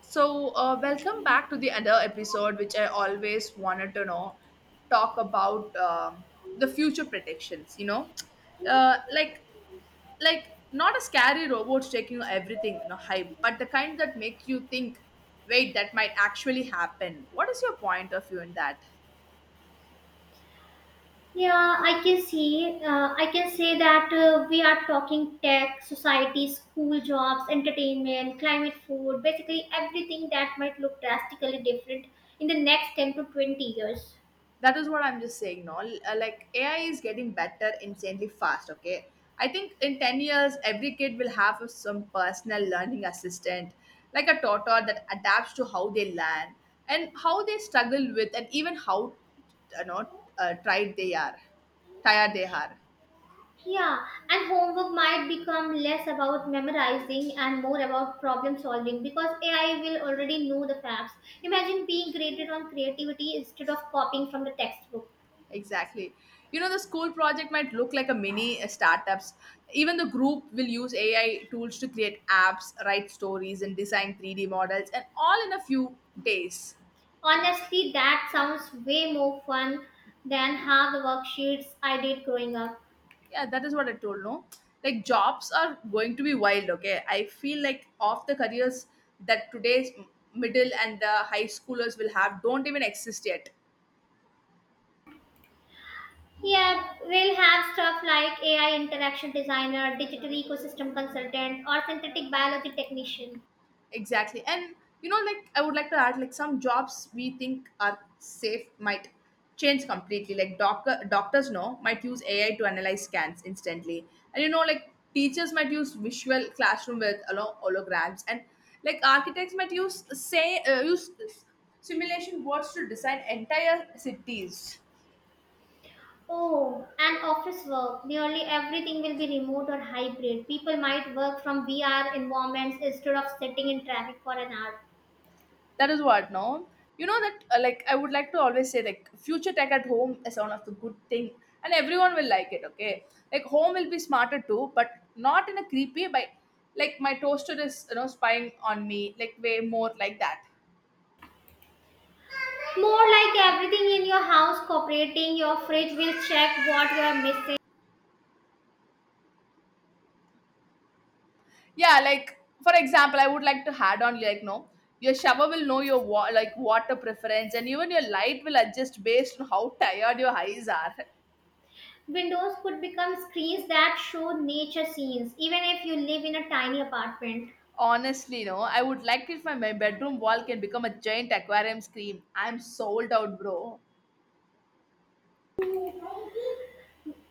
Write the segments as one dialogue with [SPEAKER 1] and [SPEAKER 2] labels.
[SPEAKER 1] Welcome back to the other episode, which I always wanted to know talk about the future predictions. You know, uh, like like not a scary robots taking everything, you know, hype, but the kind that makes you think, wait, that might actually happen. What is your point of view in that?
[SPEAKER 2] Yeah, I can see. I can say that we are talking tech, society, school, jobs, entertainment, climate, food, basically everything that might look drastically different in the next 10 to 20 years.
[SPEAKER 1] That is what I'm just saying. No L- Like AI is getting better insanely fast, okay? I think in 10 years every kid will have some personal learning assistant, like a tutor that adapts to how they learn and how they struggle with, and even how you know tried they are tired they are.
[SPEAKER 2] Yeah, and homework might become less about memorizing and more about problem solving because AI will already know the facts. Imagine being graded on creativity instead of copying from the textbook.
[SPEAKER 1] Exactly. You know, the school project might look like a mini startups. Even the group will use AI tools to create apps, write stories, and design 3D models, and all in a few days.
[SPEAKER 2] Honestly, that sounds way more fun than half the worksheets I did growing up.
[SPEAKER 1] Yeah, that is what I told. No, like jobs are going to be wild, okay? I feel like of the careers that today's middle and the high schoolers will have don't even exist yet.
[SPEAKER 2] Yeah, we'll have stuff like AI interaction designer, digital ecosystem consultant, or synthetic biology technician.
[SPEAKER 1] Exactly. And you know, like, I would like to add, like, some jobs we think are safe might change completely. Like doctors know might use AI to analyze scans instantly. And, you know, like teachers might use visual classroom with holograms, and like architects might use say use simulation boards to design entire cities.
[SPEAKER 2] Oh, and office work. Nearly everything will be remote or hybrid. People might work from VR environments instead of sitting in traffic for an hour.
[SPEAKER 1] That is what, no? You know that, like, I would like to always say, like, future tech at home is one of the good thing, and everyone will like it, okay? Like, home will be smarter too, but not in a creepy by, like, my toaster is, you know, spying on me, like, way more like that.
[SPEAKER 2] More like everything in your house cooperating, your fridge will check what you are missing.
[SPEAKER 1] Yeah, like, for example, I would like to add on, like, no, your shower will know your, like, water preference, and even your light will adjust based on how tired your eyes are.
[SPEAKER 2] Windows could become screens that show nature scenes, even if you live in a tiny apartment.
[SPEAKER 1] Honestly, no. I would like if my bedroom wall can become a giant aquarium screen. I'm sold out, bro.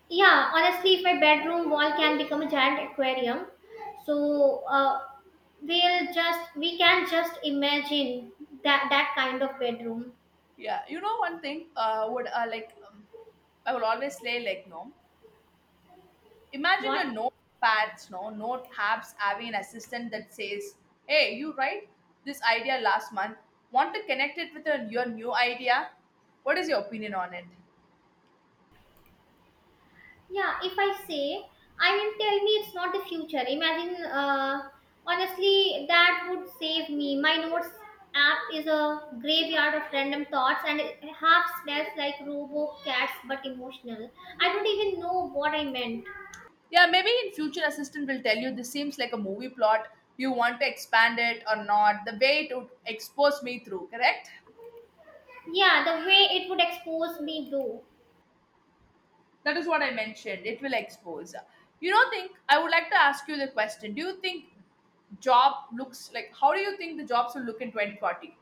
[SPEAKER 2] Yeah, honestly, if my bedroom wall can become a giant aquarium, so we can just imagine that kind of bedroom.
[SPEAKER 1] Yeah, you know one thing. Would like I will always say, like, no. Imagine your
[SPEAKER 2] What?
[SPEAKER 1] notepads, no, note apps having an assistant that says, "Hey, you write this idea last month. Want to connect it with your new idea? What is your opinion on it?"
[SPEAKER 2] Yeah, if I say, I mean, tell me it's not the future. Imagine, honestly, that would save me. My notes app is a graveyard of random thoughts and it half smells like robo cats but emotional. I don't even know what I meant.
[SPEAKER 1] Yeah, maybe in future assistant will tell you this seems like a movie plot. Do you want to expand it or not? The way it would expose me through, correct?
[SPEAKER 2] Yeah, the way it would expose me though.
[SPEAKER 1] That is what I mentioned. It will expose. You know, think I would like to ask you the question. Do you think job looks like, how do you think the jobs will look in 2040?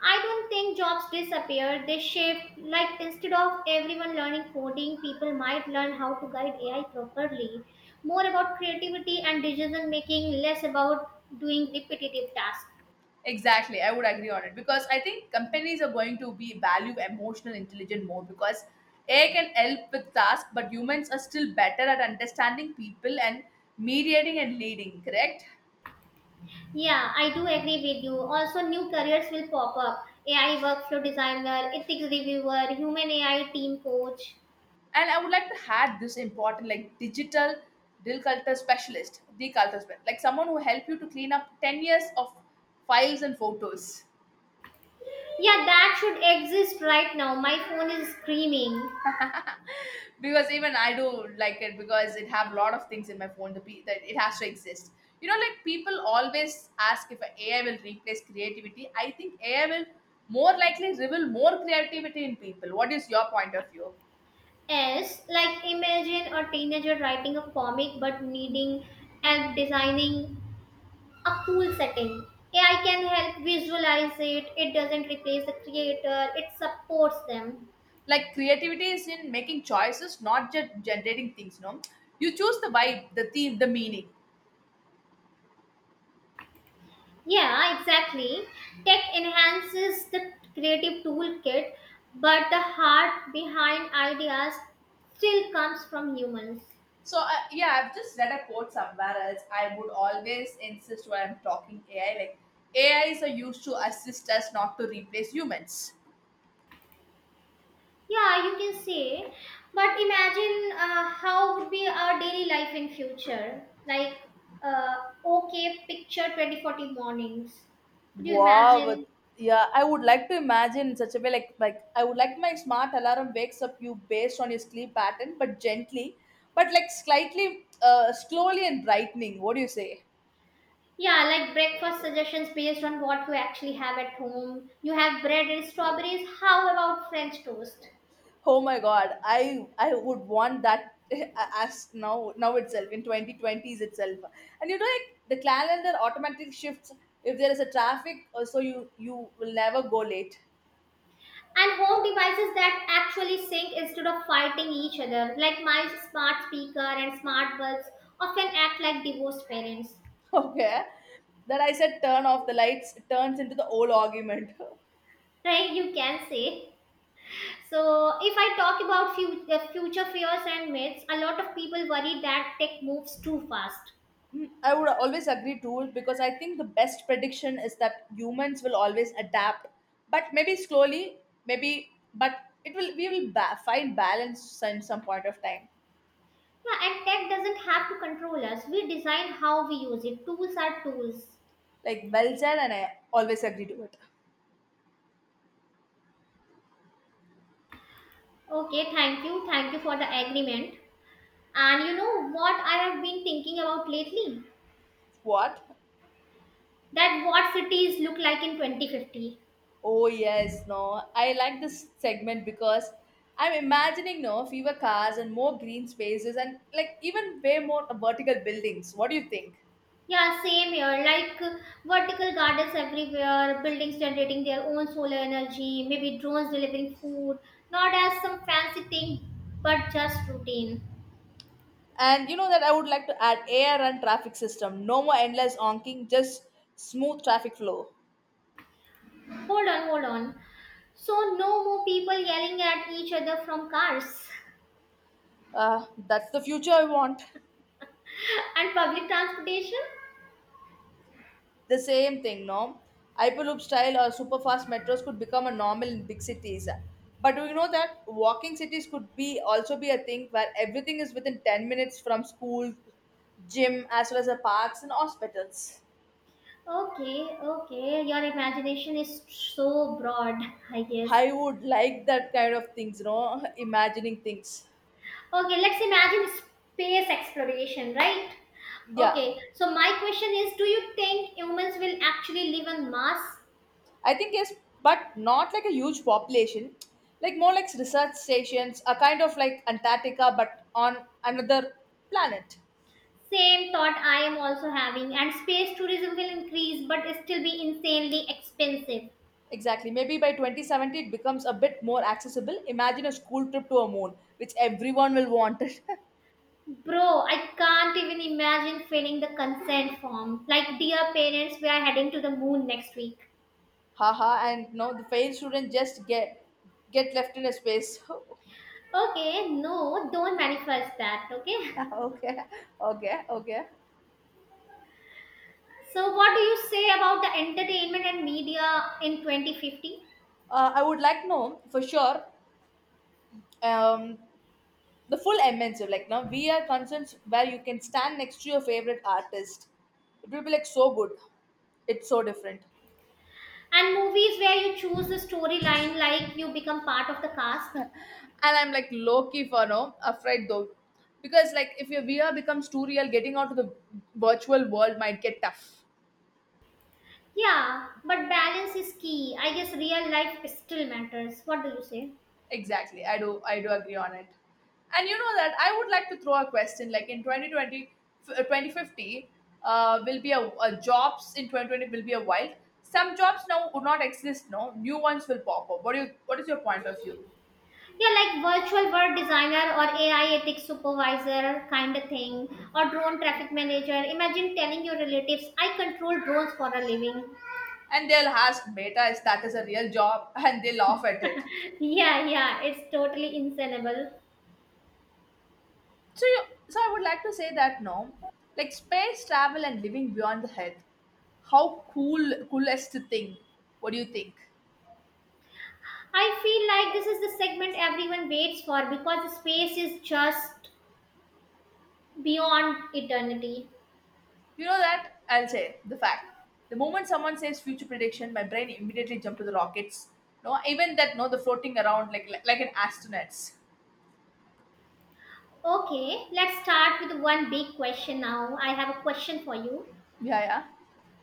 [SPEAKER 2] I don't think jobs disappear, they shift. Like instead of everyone learning coding, people might learn how to guide AI properly. More about creativity and decision making, less about doing repetitive tasks.
[SPEAKER 1] Exactly, I would agree on it because I think companies are going to be value emotional intelligence more, because AI can help with tasks, but humans are still better at understanding people and mediating and leading, correct?
[SPEAKER 2] Yeah, I do agree with you. Also, new careers will pop up AI workflow designer, ethics reviewer, human AI team coach.
[SPEAKER 1] And I would like to add this important, like digital dill culture specialist, deculture specialist, like someone who help you to clean up 10 years of files and photos.
[SPEAKER 2] Yeah, that should exist right now. My phone is screaming.
[SPEAKER 1] Because even I do like it, because it have a lot of things in my phone to be, that it has to exist. You know, like people always ask if AI will replace creativity. I think AI will more likely reveal more creativity in people. What is your point of view?
[SPEAKER 2] Yes, like imagine a teenager writing a comic but needing help designing a cool setting. AI can help visualize it, it doesn't replace the creator, it supports them.
[SPEAKER 1] Like creativity is in making choices, not just generating things, no? You choose the vibe, the theme, the meaning.
[SPEAKER 2] Yeah, exactly. Tech enhances the creative toolkit, but the heart behind ideas still comes from humans.
[SPEAKER 1] So yeah, I've just read a quote somewhere else. I would always insist when I'm talking AI, like AIs are used to assist us, not to replace humans.
[SPEAKER 2] Yeah, you can say. But imagine how would be our daily life in future. Like, uh, okay, picture 2040 mornings. Could you
[SPEAKER 1] Wow, but-
[SPEAKER 2] imagine?
[SPEAKER 1] Yeah, I would like to imagine in such a way, like I would like my smart alarm wakes up you based on your sleep pattern, but gently, but like slightly, slowly and brightening. What do you say?
[SPEAKER 2] Yeah, like breakfast suggestions based on what you actually have at home. You have bread and strawberries. How about French toast?
[SPEAKER 1] Oh my god, I would want that as now itself in 2020s itself. And you know, like the calendar automatic shifts if there is a traffic, so you will never go late.
[SPEAKER 2] And home devices that actually sync instead of fighting each other. Like my smart speaker and smart bulbs often act like divorced parents.
[SPEAKER 1] Okay. That I said turn off the lights, it turns into the old argument.
[SPEAKER 2] Right? You can say. So, if I talk about future fears and myths, a lot of people worry that tech moves too fast.
[SPEAKER 1] Mm, I would always agree to it, because I think the best prediction is that humans will always adapt, but maybe slowly, maybe, but it will, we will find balance in some point of time.
[SPEAKER 2] Yeah, and tech doesn't have to control us. We design how we use it. Tools are tools.
[SPEAKER 1] Like, well said, and I always agree to it.
[SPEAKER 2] Okay, thank you. Thank you for the agreement. And you know what I have been thinking about lately?
[SPEAKER 1] What?
[SPEAKER 2] That what cities look like in 2050.
[SPEAKER 1] Oh yes, no. I like this segment because I'm imagining no fewer cars and more green spaces, and like even way more vertical buildings. What do you think?
[SPEAKER 2] Yeah, same here. Like vertical gardens everywhere, buildings generating their own solar energy, maybe drones delivering food, not as some fancy thing, but just routine.
[SPEAKER 1] And you know that I would like to add air and traffic system. No more endless honking, just smooth traffic flow.
[SPEAKER 2] Hold on, hold on. So, no more people yelling at each other from cars
[SPEAKER 1] That's the future I want.
[SPEAKER 2] and public transportation?
[SPEAKER 1] The same thing, no? Hyperloop style or superfast metros could become a normal in big cities. But do you know that walking cities could be also be a thing where everything is within 10 minutes from school, gym, as well as the parks and hospitals?
[SPEAKER 2] Okay, okay. Your imagination is so broad, I guess.
[SPEAKER 1] I would like that kind of things, you know. Imagining things.
[SPEAKER 2] Okay, let's imagine space exploration, right?
[SPEAKER 1] Yeah,
[SPEAKER 2] Okay, so my question is, do you think humans will actually live on Mars?
[SPEAKER 1] I think yes, but not like a huge population, like more like research stations, a kind of like Antarctica, but on another planet.
[SPEAKER 2] Same thought I am also having, and space tourism will increase but still be insanely expensive.
[SPEAKER 1] Exactly. Maybe by 2070 it becomes a bit more accessible. Imagine a school trip to a moon, which everyone will want it.
[SPEAKER 2] Bro, I can't even imagine filling the consent form. Like, dear parents, we are heading to the moon next week.
[SPEAKER 1] Haha, and no, the failed student just get left in a space.
[SPEAKER 2] Okay, no, don't manifest that, okay?
[SPEAKER 1] Okay, okay.
[SPEAKER 2] So, what do you say about the entertainment and media in 2050?
[SPEAKER 1] I would like to know for sure, um, the full MNC, like now we are concerts where you can stand next to your favorite artist. It will be like so good. It's so different.
[SPEAKER 2] And movies where you choose the storyline like you become part of the cast?
[SPEAKER 1] And I'm like low key for now, afraid though, because like if your VR becomes too real, getting out of the virtual world might get tough.
[SPEAKER 2] Yeah, but balance is key. I guess real life still matters. What do you say?
[SPEAKER 1] Exactly, I do agree on it. And you know that I would like to throw a question, like in 2020, 2050, will be a jobs in 2020 will be a wild. Some jobs now would not exist. No, new ones will pop up. What do you? What is your point of view?
[SPEAKER 2] Yeah, like virtual world designer or AI ethics supervisor kind of thing, or drone traffic manager. Imagine telling your relatives, I control drones for a living.
[SPEAKER 1] And they'll ask, beta is that is a real job, and they laugh at it.
[SPEAKER 2] Yeah, yeah, it's totally insanable.
[SPEAKER 1] So, you, so I would like to say that no, like space travel and living beyond the Earth, how cool, coolest thing? What do you think?
[SPEAKER 2] I feel like this is the segment everyone waits for because space is just beyond eternity.
[SPEAKER 1] You know that I'll say the fact. The moment someone says future prediction, my brain immediately jump to the rockets. No, even that no, the floating around like an astronauts.
[SPEAKER 2] Okay, let's start with one big question now. I have a question for you.
[SPEAKER 1] Yeah, yeah.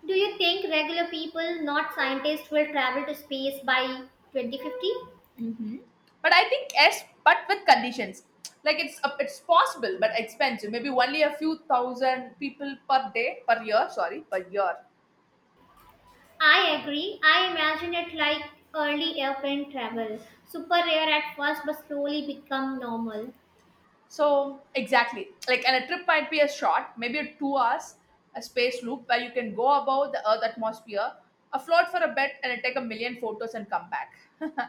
[SPEAKER 2] Do you think regular people, not scientists, will travel to space by 2050?
[SPEAKER 1] Mm-hmm. But I think yes, but with conditions. Like it's possible, but expensive. Maybe only a few thousand people per day per year. Sorry, per year.
[SPEAKER 2] I agree. I imagine it like early airplane travel. Super rare at first, but slowly become normal.
[SPEAKER 1] So exactly, like, and a trip might be a short, maybe a 2 hours, a space loop where you can go above the Earth atmosphere, afloat for a bit, and take a million photos and come back.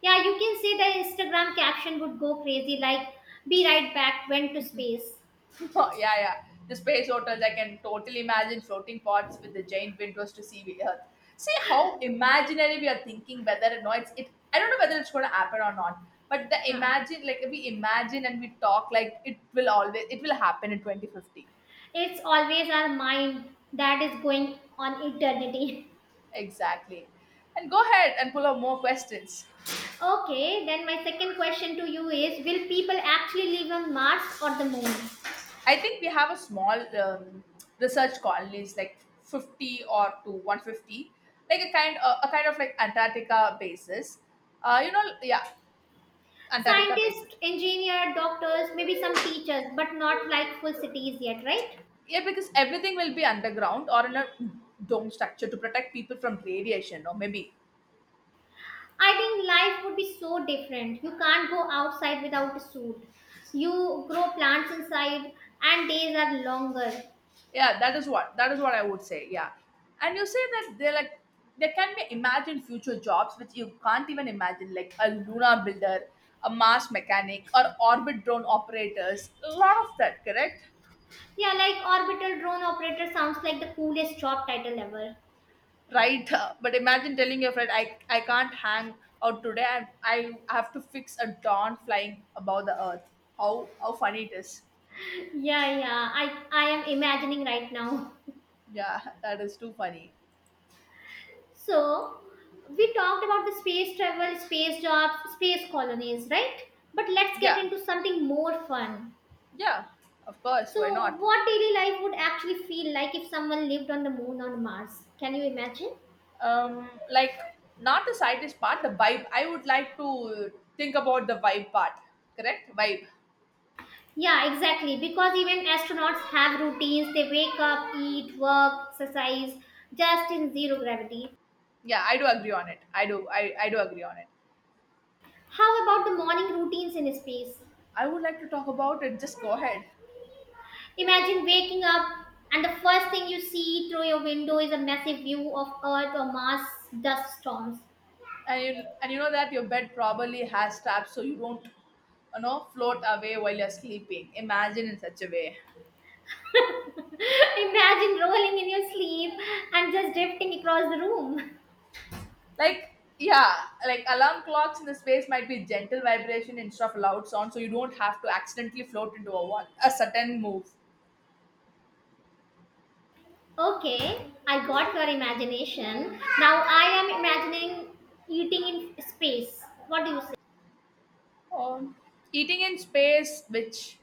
[SPEAKER 2] Yeah, you can say the Instagram caption would go crazy like, be right back, went to space.
[SPEAKER 1] Yeah, yeah. The space hotels, I can totally imagine floating pots with the giant windows to see the Earth. See how imaginary we are thinking. Whether or not it's it, I don't know whether it's going to happen or not. But the
[SPEAKER 2] Huh.
[SPEAKER 1] imagine, like, we imagine and we talk, like it will always, it will happen in 2050.
[SPEAKER 2] It's always our mind that is going on eternity.
[SPEAKER 1] Exactly. And go ahead and pull up more questions.
[SPEAKER 2] Okay, then my second question to you is, will people actually live on Mars or the moon?
[SPEAKER 1] I think we have a small research colonies like 50 or to 150, like a kind of like Antarctica basis. Yeah, Antarctica basis.
[SPEAKER 2] Scientists, engineers, doctors, maybe some teachers, but not like full cities yet, right?
[SPEAKER 1] Yeah, because everything will be underground or in a dome structure to protect people from radiation or maybe
[SPEAKER 2] I think life would be so different. You can't go outside without a suit. You grow plants inside, and days are longer.
[SPEAKER 1] yeah, that is what I would say, yeah. And you say that they're like, there can be imagined future jobs which you can't even imagine, like a lunar builder, a Mars mechanic, or orbit drone operators. A lot of that, correct?
[SPEAKER 2] Yeah, like orbital drone operator sounds like the coolest job title ever.
[SPEAKER 1] Right. But imagine telling your friend, I can't hang out today. I have to fix a dawn flying above the Earth. How funny it is.
[SPEAKER 2] Yeah, yeah, I am imagining right now.
[SPEAKER 1] Yeah. That is too funny.
[SPEAKER 2] So, we talked about the space travel, space jobs, space colonies, right? But let's get
[SPEAKER 1] Yeah.
[SPEAKER 2] into something more fun.
[SPEAKER 1] Yeah, of course, why
[SPEAKER 2] So,
[SPEAKER 1] not?
[SPEAKER 2] what daily life would actually feel like if someone lived on the moon or Mars? Can you imagine?
[SPEAKER 1] Like, not the scientist part, the vibe. I would like to think about the vibe part. Correct, vibe.
[SPEAKER 2] Yeah, exactly. Because even astronauts have routines. They wake up, eat, work, exercise, just in zero gravity.
[SPEAKER 1] Yeah, I do agree on it, I do. I do agree on it.
[SPEAKER 2] How about the morning routines in space?
[SPEAKER 1] I would like to talk about it, just go ahead.
[SPEAKER 2] Imagine waking up and the first thing you see through your window is a massive view of Earth or Mars dust storms.
[SPEAKER 1] And you know that your bed probably has straps so you don't, float away while you're sleeping. Imagine in such a way.
[SPEAKER 2] Imagine rolling in your sleep and just drifting across the room.
[SPEAKER 1] Like, yeah. Like, alarm clocks in the space might be gentle vibration instead of loud sound, so you don't have to accidentally float into a certain move.
[SPEAKER 2] Okay, I got your imagination. Now I am imagining eating in space. What do you say?
[SPEAKER 1] Um, eating in space, which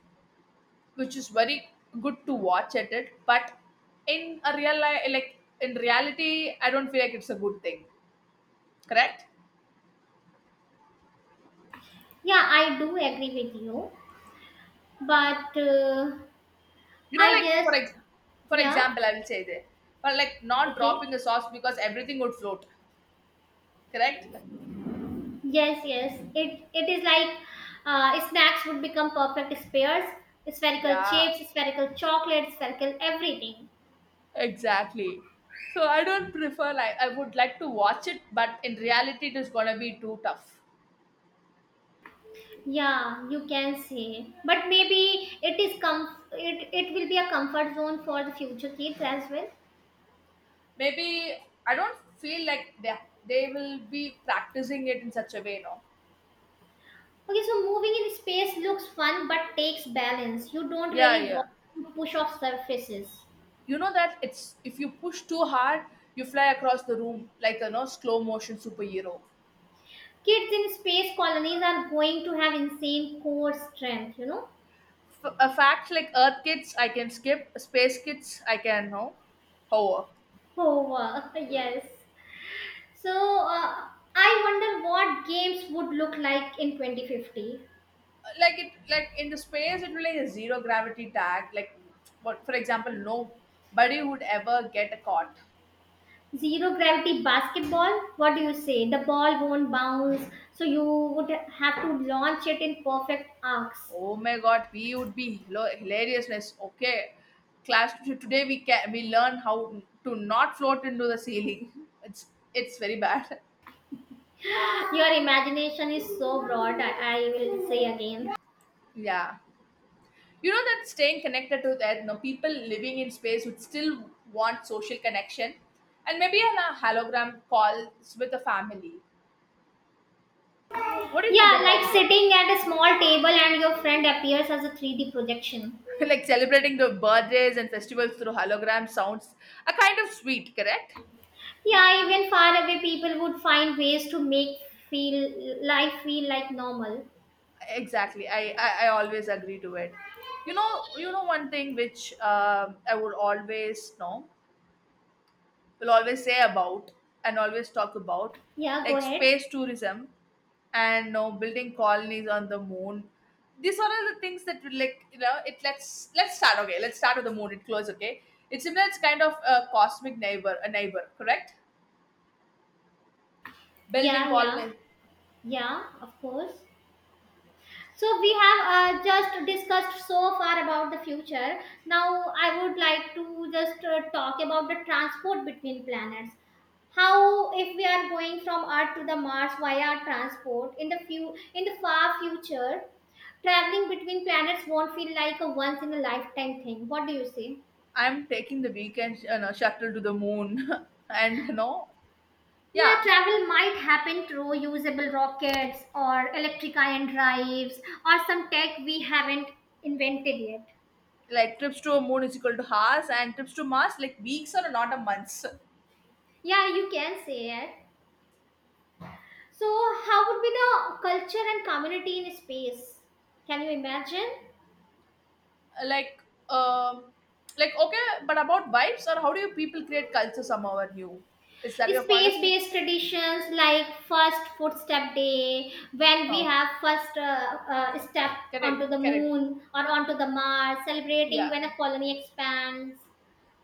[SPEAKER 1] is very good to watch at it, but in a real life, like, in reality, I don't feel like it's a good thing. Correct?
[SPEAKER 2] Yeah, I do agree with you. But
[SPEAKER 1] You know,
[SPEAKER 2] I
[SPEAKER 1] like,
[SPEAKER 2] guess,
[SPEAKER 1] for
[SPEAKER 2] yeah,
[SPEAKER 1] example, I will say there, but like, not
[SPEAKER 2] okay.
[SPEAKER 1] dropping the sauce because everything would float. Correct?
[SPEAKER 2] Yes, yes. It is like snacks would become perfect spares, spherical
[SPEAKER 1] Yeah,
[SPEAKER 2] chips, spherical chocolate, spherical everything.
[SPEAKER 1] exactly. So I don't prefer, like, I would like to watch it, but in reality, it is gonna be too tough.
[SPEAKER 2] Yeah, you can say. But maybe it is it will be a comfort zone for the future kids as well.
[SPEAKER 1] Maybe. I don't feel like they will be practicing it in such a way, no.
[SPEAKER 2] Okay, so moving in space looks fun but takes balance. You don't
[SPEAKER 1] Yeah,
[SPEAKER 2] really
[SPEAKER 1] yeah.
[SPEAKER 2] want to push off surfaces.
[SPEAKER 1] You know that it's, if you push too hard, you fly across the room like a, no, slow motion superhero.
[SPEAKER 2] Kids in space colonies are going to have insane core strength, you know?
[SPEAKER 1] A fact, like Earth kids, I can skip. Space kids, I can, no, hover.
[SPEAKER 2] Oh, wow. Yes. So, uh, I wonder what games would look like in 2050.
[SPEAKER 1] Like it, like in the space, it will, like a zero gravity tag. Like, what, for example, nobody would ever get caught.
[SPEAKER 2] Zero gravity basketball? What do you say? The ball won't bounce, so you would have to launch it in perfect arcs.
[SPEAKER 1] Oh my god, we would be hilariousness. Okay, class, today we can, we learn how to not float into the ceiling. It's it's very bad.
[SPEAKER 2] Your imagination is so broad, I will say again.
[SPEAKER 1] Yeah, you know that staying connected to that, people living in space would still want social connection, and maybe on a hologram calls with the family. What do you think
[SPEAKER 2] Yeah, like
[SPEAKER 1] about it?
[SPEAKER 2] sitting at a small table and your friend appears as a 3D projection.
[SPEAKER 1] Like, celebrating the birthdays and festivals through holograms sounds a kind of sweet, correct?
[SPEAKER 2] Yeah, even far away people would find ways to make feel life feel like normal.
[SPEAKER 1] Exactly. I always agree to it. You know one thing which I would always know, will always say about, and always talk about.
[SPEAKER 2] Yeah, go
[SPEAKER 1] Like,
[SPEAKER 2] ahead.
[SPEAKER 1] space tourism, and you know, building colonies on the moon, these are all the things that will, like, you know, it, let's start. Okay, let's start with the moon, it close, okay. It's similar, it's kind of a cosmic neighbor, a neighbor, correct? Building
[SPEAKER 2] Yeah, yeah,
[SPEAKER 1] colonies.
[SPEAKER 2] yeah, of course. So we have just discussed so far about the future. Now I would like to just talk about the transport between planets. How if we are going from Earth to the Mars via transport in the far future, traveling between planets won't feel like a once in a lifetime thing. What do you say?
[SPEAKER 1] I'm taking the weekend, you know, shuttle to the moon. And you know,
[SPEAKER 2] Yeah,
[SPEAKER 1] yeah.
[SPEAKER 2] travel might happen through usable rockets or electric ion drives or some tech we haven't invented yet.
[SPEAKER 1] Like, trips to a moon is equal to hours, and trips to Mars, like weeks or not a months.
[SPEAKER 2] Yeah, you can say it. So, how would be the culture and community in space? Can you imagine?
[SPEAKER 1] Like, um like, okay, but about vibes, or how do you people create culture somehow, or new. Is that your point of
[SPEAKER 2] Space
[SPEAKER 1] view?
[SPEAKER 2] based traditions like first footstep day, when we
[SPEAKER 1] Oh,
[SPEAKER 2] have first step onto the
[SPEAKER 1] correct, correct.
[SPEAKER 2] moon or onto the Mars, celebrating
[SPEAKER 1] Yeah,
[SPEAKER 2] when a colony expands.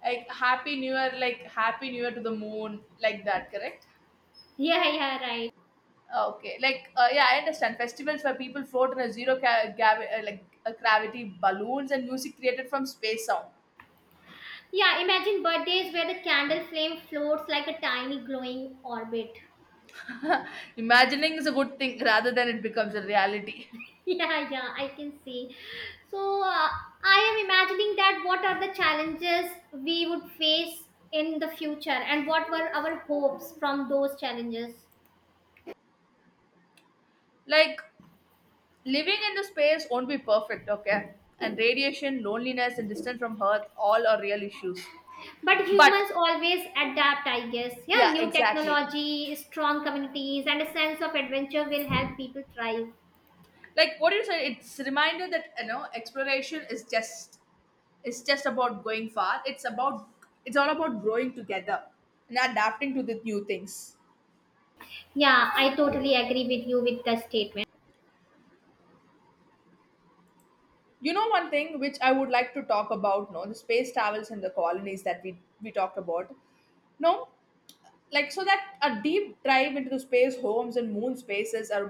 [SPEAKER 1] like happy new year, like happy new year to the moon, like that, correct?
[SPEAKER 2] Yeah, yeah, right.
[SPEAKER 1] Okay, like, yeah, I understand, festivals where people float in a like a gravity balloons and music created from space sound.
[SPEAKER 2] Yeah, imagine birthdays where the candle flame floats like a tiny glowing orbit.
[SPEAKER 1] Imagining is a good thing rather than it becomes a reality.
[SPEAKER 2] Yeah, yeah, I can see. So, I am imagining that what are the challenges we would face in the future and what were our hopes from those challenges.
[SPEAKER 1] Like, living in the space won't be perfect, okay? And radiation, loneliness, and distance from Earth all are real issues.
[SPEAKER 2] But
[SPEAKER 1] But
[SPEAKER 2] humans always adapt, I guess.
[SPEAKER 1] yeah,
[SPEAKER 2] Yeah, new
[SPEAKER 1] exactly.
[SPEAKER 2] technology, strong communities, and a sense of adventure will help people thrive.
[SPEAKER 1] Like what you said, it's a reminder that, you know, exploration is just, it's just about going far. It's about, it's all about growing together and adapting to the new things.
[SPEAKER 2] Yeah, I totally agree with you with the statement.
[SPEAKER 1] You know one thing which I would like to talk about, no, the space travels and the colonies that we talked about. No. Like, so that a deep dive into the space homes and moon spaces, or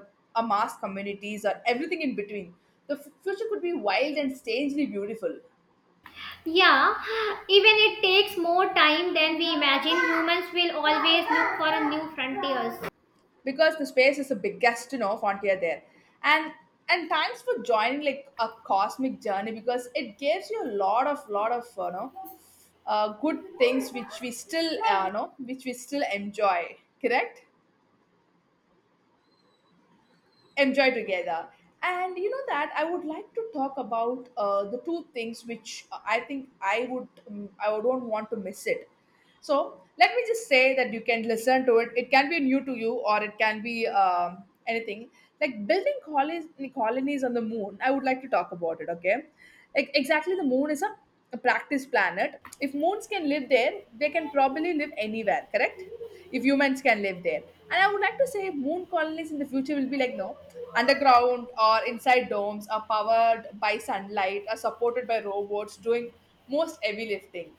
[SPEAKER 1] a mass communities, or everything in between, the future could be wild and strangely beautiful.
[SPEAKER 2] Yeah, even it takes more time than we imagine, humans will always look for a new frontiers.
[SPEAKER 1] Because the space is the biggest, you know, frontier there, and and thanks for joining, like, a cosmic journey, because it gives you a lot of, lot of, you know, good things which we still know, which we still enjoy, correct? Enjoy together. And you know that I would like to talk about, the two things which, I think I would, I don't want to miss it. So let me just say that you can listen to it, it can be new to you, or it can be, anything. Like, building colonies, on the moon, I would like to talk about it, okay. Like, exactly, the moon is a practice planet. If moons can live there, they can probably live anywhere, correct? If humans can live there. And I would like to say moon colonies in the future will be like, no, underground or inside domes, are powered by sunlight, are supported by robots doing most heavy lifting.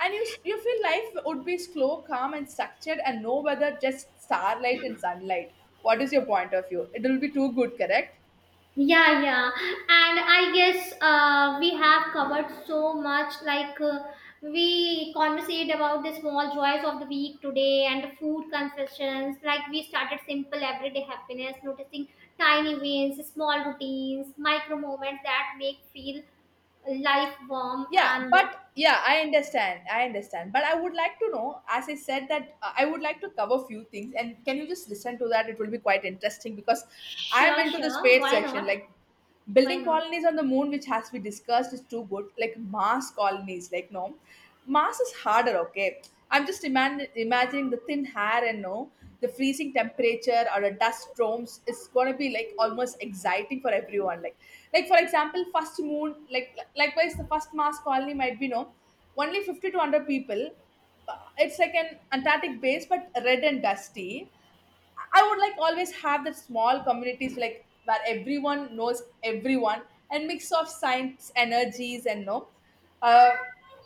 [SPEAKER 1] And you, you feel life would be slow, calm, and structured, and no weather, just starlight and sunlight. What is your point of view? It will be too good, correct?
[SPEAKER 2] Yeah, yeah. And I guess we have covered so much. Like, we conversate about the small joys of the week today and the food confessions. Like, we started simple everyday happiness, noticing tiny wins, small routines, micro moments that make feel life warm
[SPEAKER 1] Yeah,
[SPEAKER 2] and
[SPEAKER 1] but yeah, I understand. But I would like to know, as I said, that I would like to cover few things, and can you just listen to that? It will be quite interesting because I am
[SPEAKER 2] sure,
[SPEAKER 1] into the
[SPEAKER 2] sure.
[SPEAKER 1] space
[SPEAKER 2] Why
[SPEAKER 1] section,
[SPEAKER 2] not?
[SPEAKER 1] like
[SPEAKER 2] Why
[SPEAKER 1] building
[SPEAKER 2] not?
[SPEAKER 1] colonies on the moon, which has been discussed, is too good. Like Mars colonies, like, no, Mars is harder, okay. I'm just imagining the thin hair and, no, the freezing temperature or the dust storms is gonna be like almost exciting for everyone. Like for example, first moon, like, likewise, the first mass colony might be, no, only 50 to 100 people. It's like an Antarctic base, but red and dusty. I would like always have that small communities, like where everyone knows everyone, and mix of science energies and, no, uh,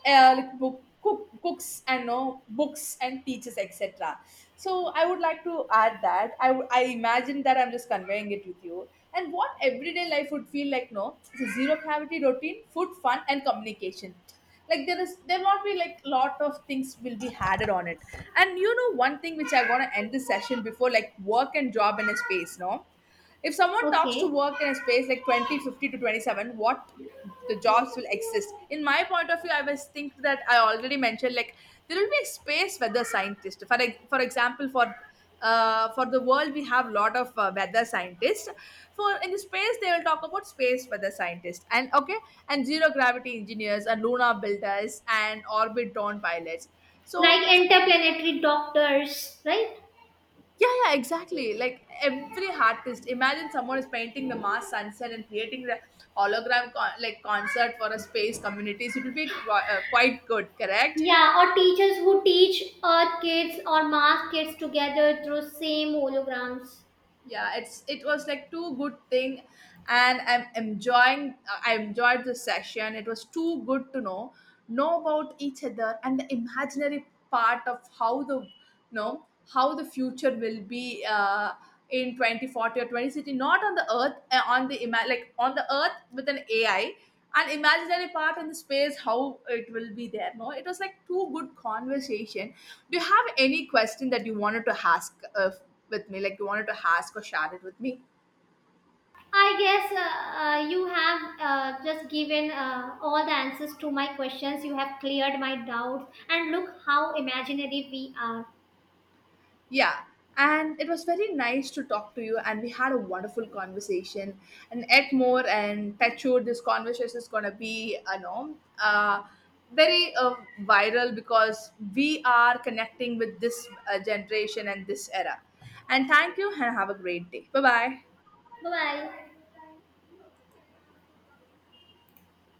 [SPEAKER 1] like book, cooks and no books and teachers etc. So I would like to add that I imagine that I'm just conveying it with you, and what everyday life would feel like. No, it's a zero cavity routine, food, fun, and communication. Like, there won't be like lot of things will be added on it. And you know one thing which I want to end this session before, like, work and job in a space, no, if someone talks to
[SPEAKER 2] Okay.
[SPEAKER 1] work in a space like 2050 to 27, what the jobs will exist? In my point of view, I was think that I already mentioned, like, there will be a space weather scientist for, like, for example, for the world, we have lot of, weather scientists, for in the space, they will talk about space weather scientists. And okay, and zero gravity engineers, and lunar builders, and orbit drone pilots.
[SPEAKER 2] Like
[SPEAKER 1] So,
[SPEAKER 2] interplanetary doctors, right?
[SPEAKER 1] yeah, yeah, exactly, like every artist. Imagine someone is painting the Mars sunset and creating the hologram like concert for a space communities, it will be quite good, correct?
[SPEAKER 2] Yeah, or teachers who teach kids or mass kids together through same holograms.
[SPEAKER 1] Yeah, it was like too good thing, and I'm enjoying, I enjoyed the session. It was too good to know, about each other, and the imaginary part of how the, you know, how the future will be, in 2040 or 2060, not on the Earth, on the like on the Earth with an AI, an imaginary part in the space, how it will be there. No, it was like too good conversation. Do you have any question that you wanted to ask, with me? Like, you wanted to ask or share it with me?
[SPEAKER 2] I guess you have just given all the answers to my questions. You have cleared my doubts, and look how imaginary we are.
[SPEAKER 1] Yeah. And it was very nice to talk to you, and we had a wonderful conversation. And yet more and touchwood, this conversation is gonna be, you know, uh, very viral, because we are connecting with this generation and this era. And thank you, and have a great day. Bye bye.
[SPEAKER 2] Bye bye.